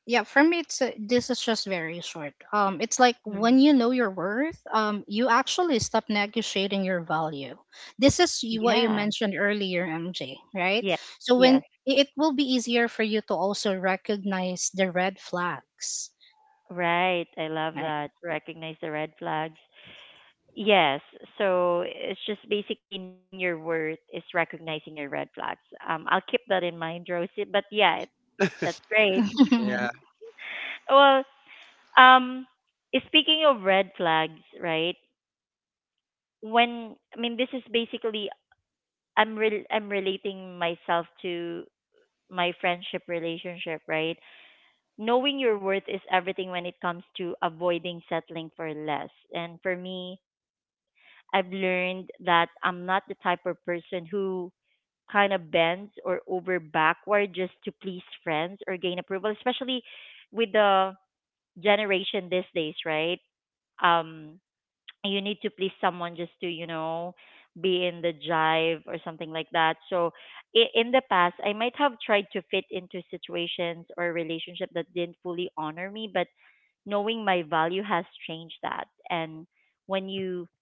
S2: yeah, for me, it's this is just very short. It's like when
S1: Mm.
S2: you know your worth, you actually stop negotiating your value. This is what you
S1: Yeah.
S2: mentioned earlier, MJ, right?
S1: Yeah.
S2: So when
S1: Yes.
S2: it will be easier for you to also recognize the red flags,
S1: Right. I love
S2: right?
S1: that. Recognize the red flags. Yes. So it's just basically knowing your worth is recognizing your red flags. I'll keep that in mind, Rosie. But yeah, it, that's great.
S3: Yeah,
S1: Well, um, speaking of red flags, right? When I mean, this is basically I'm relating myself to my friendship relationship, right? Knowing your worth is everything when it comes to avoiding settling for less. And for me, I've learned that I'm not the type of person who kind of bends or over backward just to please friends or gain approval, especially with the generation these days, right? Um, you need to please someone just to you know be in the jive or something like that so in the past I might have tried to fit into situations or relationship that didn't fully honor me but knowing my value has changed that and when you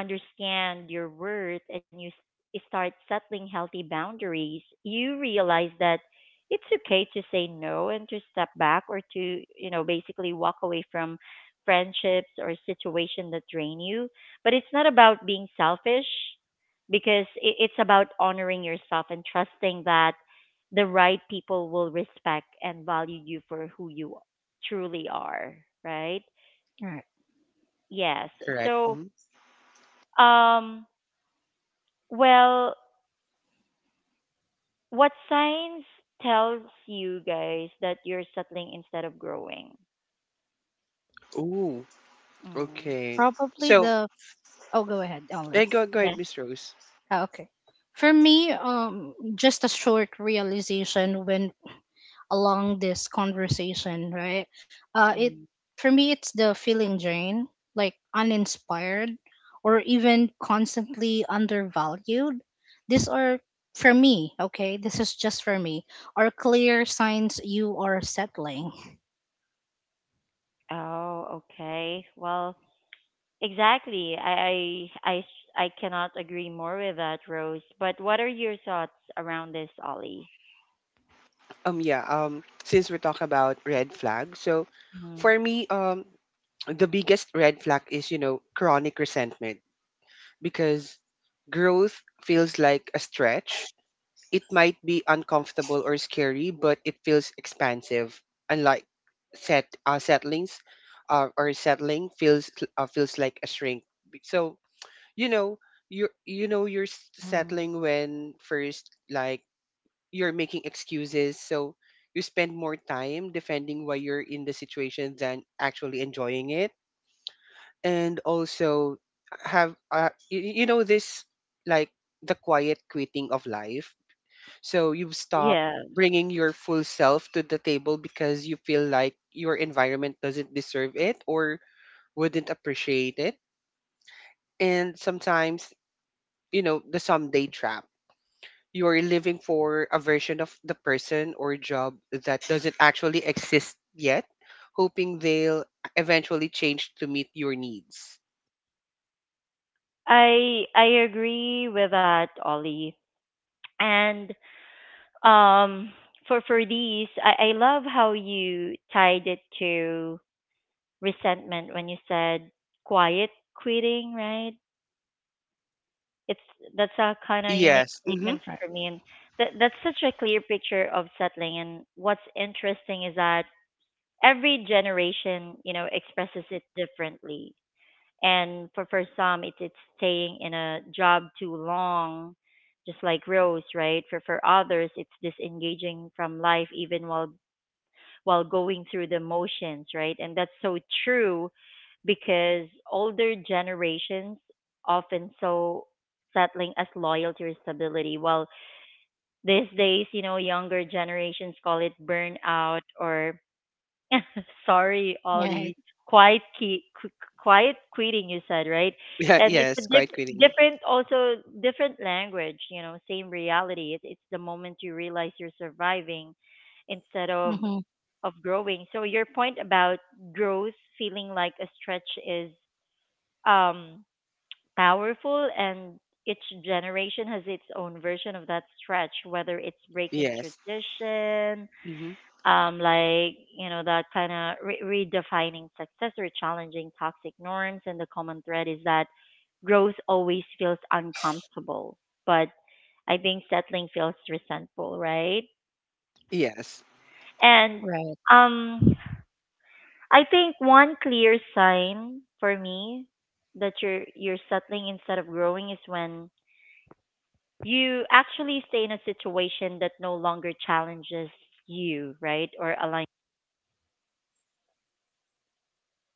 S1: understand your worth and you start settling healthy boundaries you realize that it's okay to say no and to step back or to you know basically walk away from friendships or situation that drain you. But it's not about being selfish because it's about honoring yourself and trusting that the right people will respect and value you for who you truly are, right?
S2: Right.
S1: Yes.
S3: correct.
S1: So,
S3: Mm-hmm.
S1: um, well, what signs tells you guys that you're settling instead of growing?
S3: Ooh,
S1: Mm.
S3: okay.
S2: Probably
S3: So,
S2: the. Oh, go ahead, Only.
S3: Go ahead,
S1: Yeah.
S3: Miss Rose.
S2: Ah, okay. For me, just a short realization when along this conversation, right? It
S1: Mm.
S2: For me, it's the feeling drain, like uninspired, or even constantly undervalued. These are for me, okay. This is just for me. Are clear signs you are settling,
S1: Oh, okay. Well, exactly. I cannot agree more with that, Rose. But what are your thoughts around this, Ollie?
S3: Yeah. Since we're talking about red flag, so
S1: Mm,
S3: for me, the biggest red flag is, chronic resentment, because growth feels like a stretch. It might be uncomfortable or scary, but it feels expansive. Unlike set uh, settlings, settling feels, feels like a shrink. So you know
S1: mm.
S3: settling when, first, like, you're making excuses. So you spend more time defending why you're in the situation than actually enjoying it. And also have uh, you, you know this, like, the quiet quitting of life. So you've stopped
S1: Yeah,
S3: bringing your full self to the table because you feel like your environment doesn't deserve it or wouldn't appreciate it. And sometimes, the someday trap. You're living for a version of the person or job that doesn't actually exist yet, hoping they'll eventually change to meet your needs.
S1: I agree with that, Ollie. And um, for these, I love how you tied it to resentment when you said quiet quitting, right? It's that's a kind of unique
S3: Yes. Mm-hmm.
S1: statement for
S2: right?
S1: me, and that that's such a clear picture of settling. And what's interesting is that every generation, expresses it differently. And for some, it's staying in a job too long, just like Rose, right? For others, it's disengaging from life even while going through the motions, right? And that's so true because older generations often so settling as loyalty or stability while these days you know younger generations call it burnout or Sorry, Ollie.
S2: Right.
S1: Quiet key, qu- Quiet quitting. You said right,
S3: Yeah,
S1: and it's a
S3: yes, quite quitting.
S1: different, also different language. You know, same reality. It, it's the moment you realize you're surviving instead of
S2: Hmm.
S1: growing. So your point about growth feeling like a stretch is um powerful, and each generation has its own version of that stretch, whether it's breaking
S3: Yes.
S1: tradition
S3: Mm-hmm.
S1: like you know that kind of redefining success or challenging toxic norms and the common thread is that growth always feels uncomfortable but I think settling feels resentful, right?
S3: Yes.
S1: And
S2: Right.
S1: um I think one clear sign for me that you're settling instead of growing is when you actually stay in a situation that no longer challenges you, right? Or align.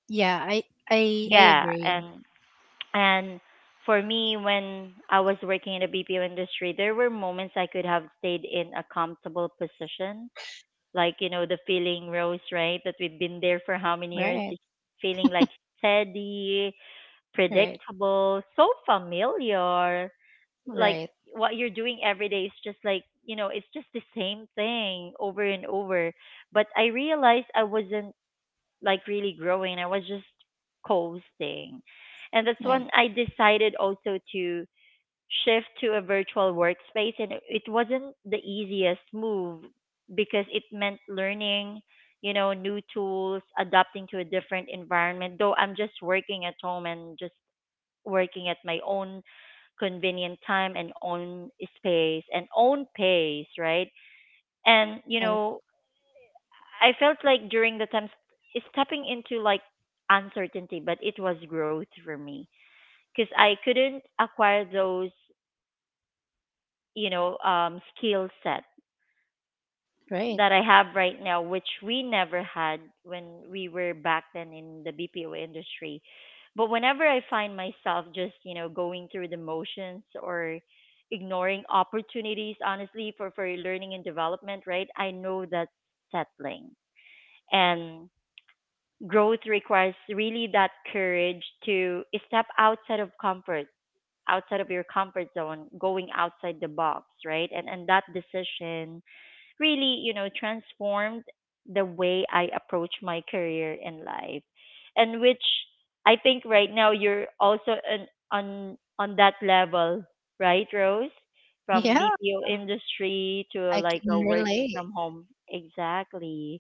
S2: Yeah, I
S1: Yeah.
S2: agree.
S1: And for me, when I was working in the BPO industry, there were moments I could have stayed in a comfortable position. Like, you know, the feeling rose, right? That we've been there for how many years?
S2: Right.
S1: It's feeling like steady,
S2: Right.
S1: predictable, so familiar. Like,
S2: Right.
S1: what you're doing every day is just like, you know, it's just the same thing over and over. But I realized I wasn't like really growing. I was just coasting. And that's
S2: Right.
S1: when I decided also to shift to a virtual workspace. And it wasn't the easiest move because it meant learning, you know, new tools, adapting to a different environment. Though I'm just working at home and just working at my own convenient time and own space and own pace, right? And, you
S2: Right.
S1: know, I felt like during the time stepping into like uncertainty, but it was growth for me because I couldn't acquire those, you know, skill set
S2: Right.
S1: that I have right now, which we never had when we were back then in the BPO industry. But whenever I find myself just, you know, going through the motions or ignoring opportunities, honestly, for learning and development, right? I know that's settling. And growth requires really that courage to step outside of comfort, outside of your comfort zone, going outside the box, right? And that decision really, you know, transformed the way I approach my career in life, and which I think right now you're also on on on that level, right, Rose? From
S2: Yeah,
S1: BPO industry to
S2: I
S1: like
S2: can
S1: a working
S2: relate.
S1: from home. Exactly.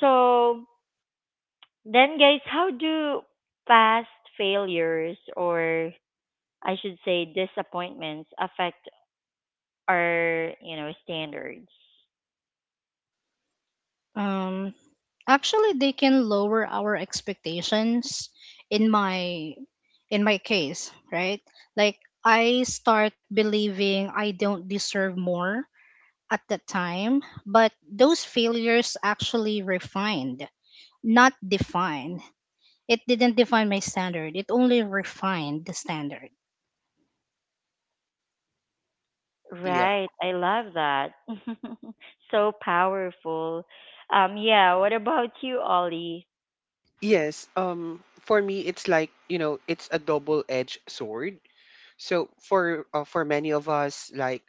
S1: So then, guys, how do past failures or, I should say, disappointments affect our, you know, standards?
S2: Um, actually, they can lower our expectations. In my in my case, right? Like I start believing I don't deserve more at that time, but those failures actually refined, not defined. It didn't define my standard. It only refined the standard.
S3: Yeah.
S1: Right. I love that. So powerful. Yeah, what about you, Ollie?
S3: Yes. For me it's like, you know, it's a double-edged sword. So for many of us, like,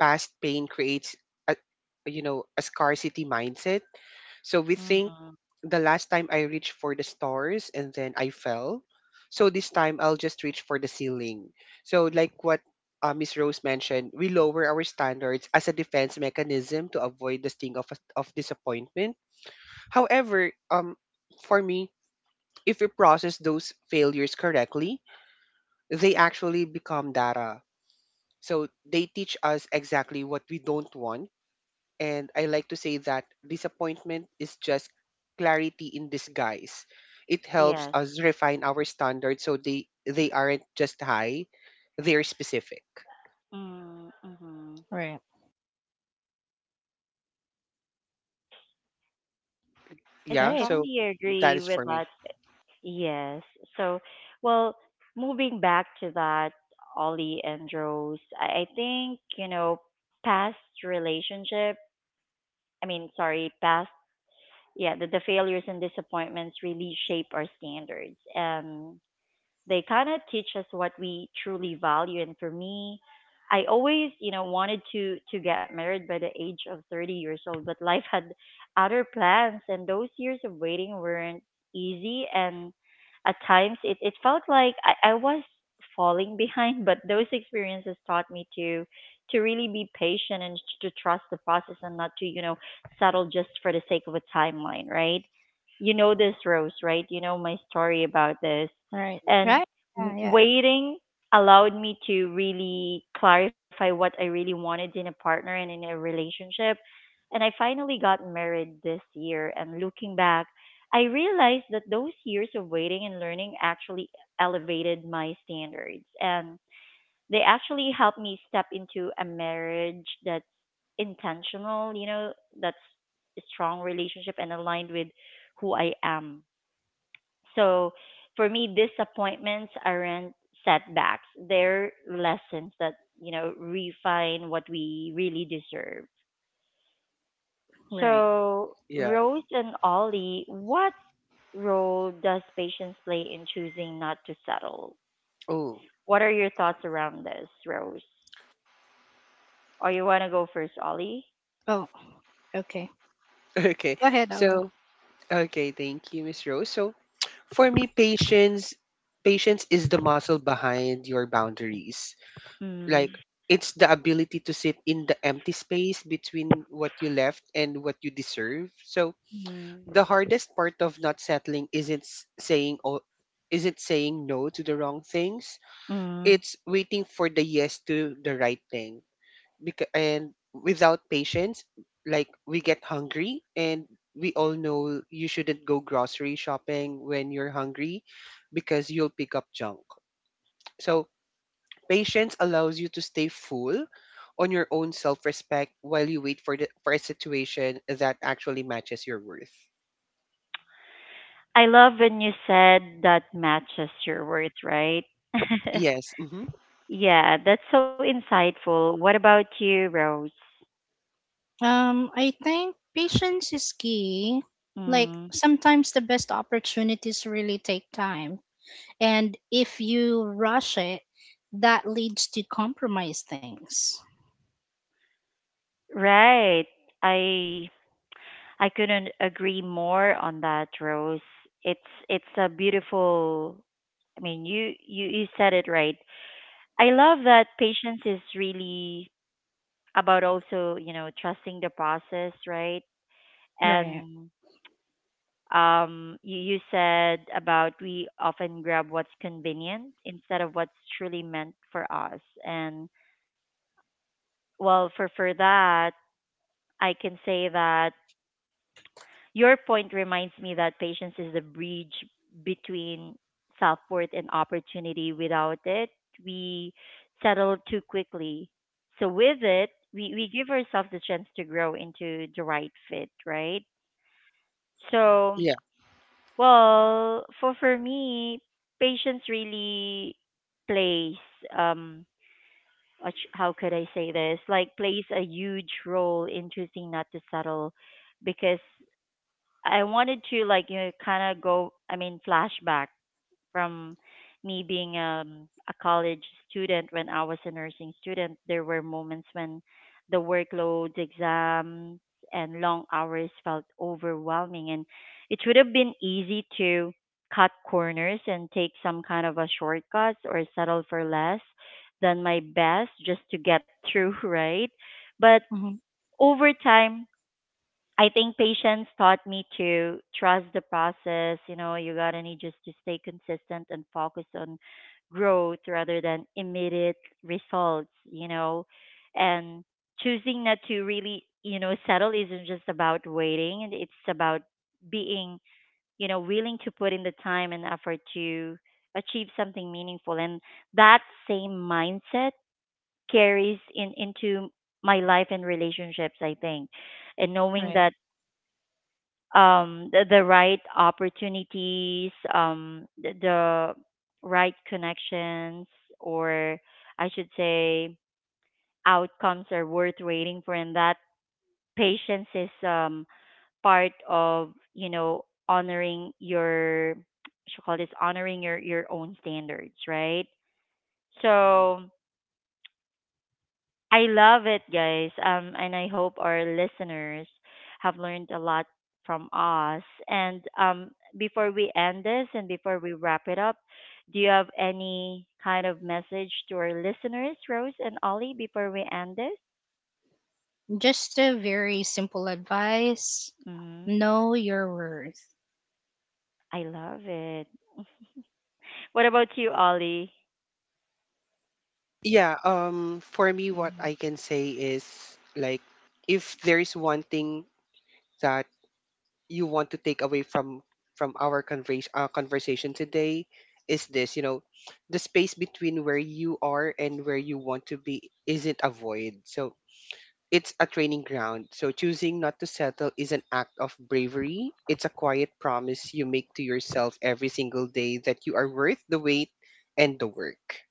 S3: past pain creates a, a scarcity mindset. So we think,
S1: Mm-hmm.
S3: the last time I reached for the stars and then I fell. So this time I'll just reach for the ceiling. So, like what, Miss Rose mentioned, we lower our standards as a defense mechanism to avoid the sting of disappointment. However, for me, if we process those failures correctly, they actually become data. So they teach us exactly what we don't want, and I like to say that disappointment is just clarity in disguise. It helps
S1: Yes.
S3: us refine our standards so they aren't just high, they're specific.
S1: Mm-hmm.
S2: Right.
S1: I
S3: Yeah,
S2: Right.
S3: so
S1: strongly
S3: that
S1: agree
S3: is
S1: with
S3: for me.
S1: that. Yes. So, well, moving back to that, Ollie and Rose, I think, you know, past relationship, I mean, sorry, past, yeah, the failures and disappointments really shape our standards. They kind of teach us what we truly value. And for me, I always, you know, wanted to get married by the age of 30 years old, but life had other plans, and those years of waiting weren't easy. And at times, it felt like I was falling behind. But those experiences taught me to really be patient and to trust the process, and not to, you know, settle just for the sake of a timeline, right? You know this, Rose, right? You know my story about this.
S2: Right.
S1: And
S2: Right. Yeah. Yeah.
S1: waiting allowed me to really clarify what I really wanted in a partner and in a relationship. And I finally got married this year. And looking back, I realized that those years of waiting and learning actually elevated my standards. And they actually helped me step into a marriage that's intentional, you know, that's a strong relationship and aligned with who I am. So for me, disappointments aren't setbacks. They're lessons that, you know, refine what we really deserve.
S2: Right.
S1: So,
S3: Yeah.
S1: Rose and Ollie, what role does patience play in choosing not to settle?
S3: Oh,
S1: What are your thoughts around this, Rose? Or you want to go first, Ollie?
S2: Oh. Okay.
S3: okay.
S2: Go ahead, Ollie.
S3: So, okay, thank you, Miss Rose. So, for me, patience is the muscle behind your boundaries.
S1: Mm,
S3: Like, it's the ability to sit in the empty space between what you left and what you deserve. So, the
S1: mm,
S3: hardest part of not settling isn't saying no to the wrong things.
S1: mm.
S3: It's waiting for the yes to the right thing. Because and without patience, like, we get hungry, and we all know you shouldn't go grocery shopping when you're hungry, because you'll pick up junk. So patience allows you to stay full on your own self-respect while you wait for a situation that actually matches your worth.
S1: I love when you said that matches your words, right?
S3: Yes. Mm-hmm.
S1: Yeah, that's so insightful. What about you, Rose?
S2: I think patience is key. Like
S1: Mm,
S2: sometimes the best opportunities really take time. And if you rush it, that leads to compromise things.
S1: right. I I couldn't agree more on that, Rose. It's it's a beautiful. I mean, you said it right. I love that patience is really about also, you know, trusting the process, right?
S2: Right.
S1: And you, you said about we often grab what's convenient instead of what's truly meant for us. And well, for that, I can say that your point reminds me that patience is the bridge between self-worth and opportunity. Without it, we settle too quickly. So with it, we give ourselves the chance to grow into the right fit, right? So, well, for me, patience really plays um how could I say this, like, plays a huge role in choosing not to settle because I wanted to, like, you know, kind of go, I mean, flashback from me being a college student. When I was a nursing student, there were moments when the workloads, exams, and long hours felt overwhelming. And it would have been easy to cut corners and take some kind of a shortcut or settle for less than my best just to get through, right? But
S2: Hmm.
S1: over time, I think patience taught me to trust the process. You know, you gotta need just to stay consistent and focus on growth rather than immediate results, you know. And choosing not to really, you know, settle isn't just about waiting, and it's about being, you know, willing to put in the time and effort to achieve something meaningful. And that same mindset carries in into my life and relationships, I think, and knowing
S2: Right.
S1: that the right opportunities, the right connections, or I should say outcomes, are worth waiting for, and that patience is, part of, you know, honoring your, should call this honoring your own standards, right? So I love it, guys. And I hope our listeners have learned a lot from us. And before we end this and before we wrap it up, do you have any kind of message to our listeners, Rose and Ollie, before we end this?
S2: Just a very simple advice.
S1: Hmm.
S2: Know your worth.
S1: I love it. What about you, Ollie?
S3: Yeah, for me, what
S1: Mm-hmm.
S3: I can say is, like, if there is one thing that you want to take away from our conversation today, is this, the space between where you are and where you want to be isn't a void. So it's a training ground. So choosing not to settle is an act of bravery. It's a quiet promise you make to yourself every single day that you are worth the wait and the work.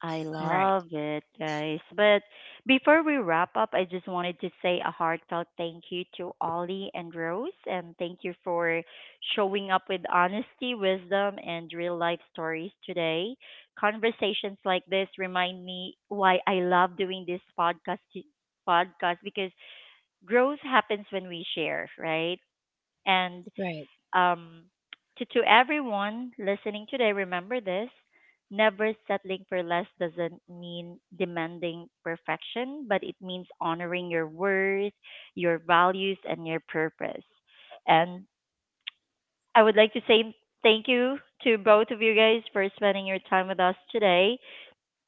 S1: I
S2: Right.
S1: love it, guys. But before we wrap up, I just wanted to say a heartfelt thank you to Ollie and Rose, and thank you for showing up with honesty, wisdom, and real life stories today. Conversations like this remind me why I love doing this podcast because growth happens when we share, right? And
S2: Right.
S1: um, to everyone listening today, remember this: never settling for less doesn't mean demanding perfection, but it means honoring your worth, your values, and your purpose. And I would like to say thank you to both of you guys for spending your time with us today.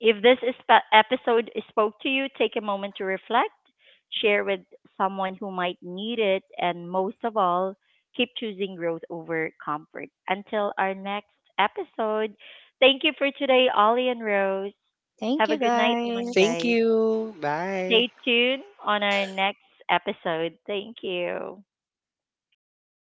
S1: If this is episode spoke to you, take a moment to reflect, share with someone who might need it, and most of all, keep choosing growth over comfort. Until our next episode, thank you for today, Ollie and Rose.
S2: Thank
S1: Have a
S2: you
S1: good night, everyone,
S3: Thank
S2: guys.
S1: guys.
S3: you. Bye.
S1: Stay tuned on our next episode. Thank you.
S2: Thank you.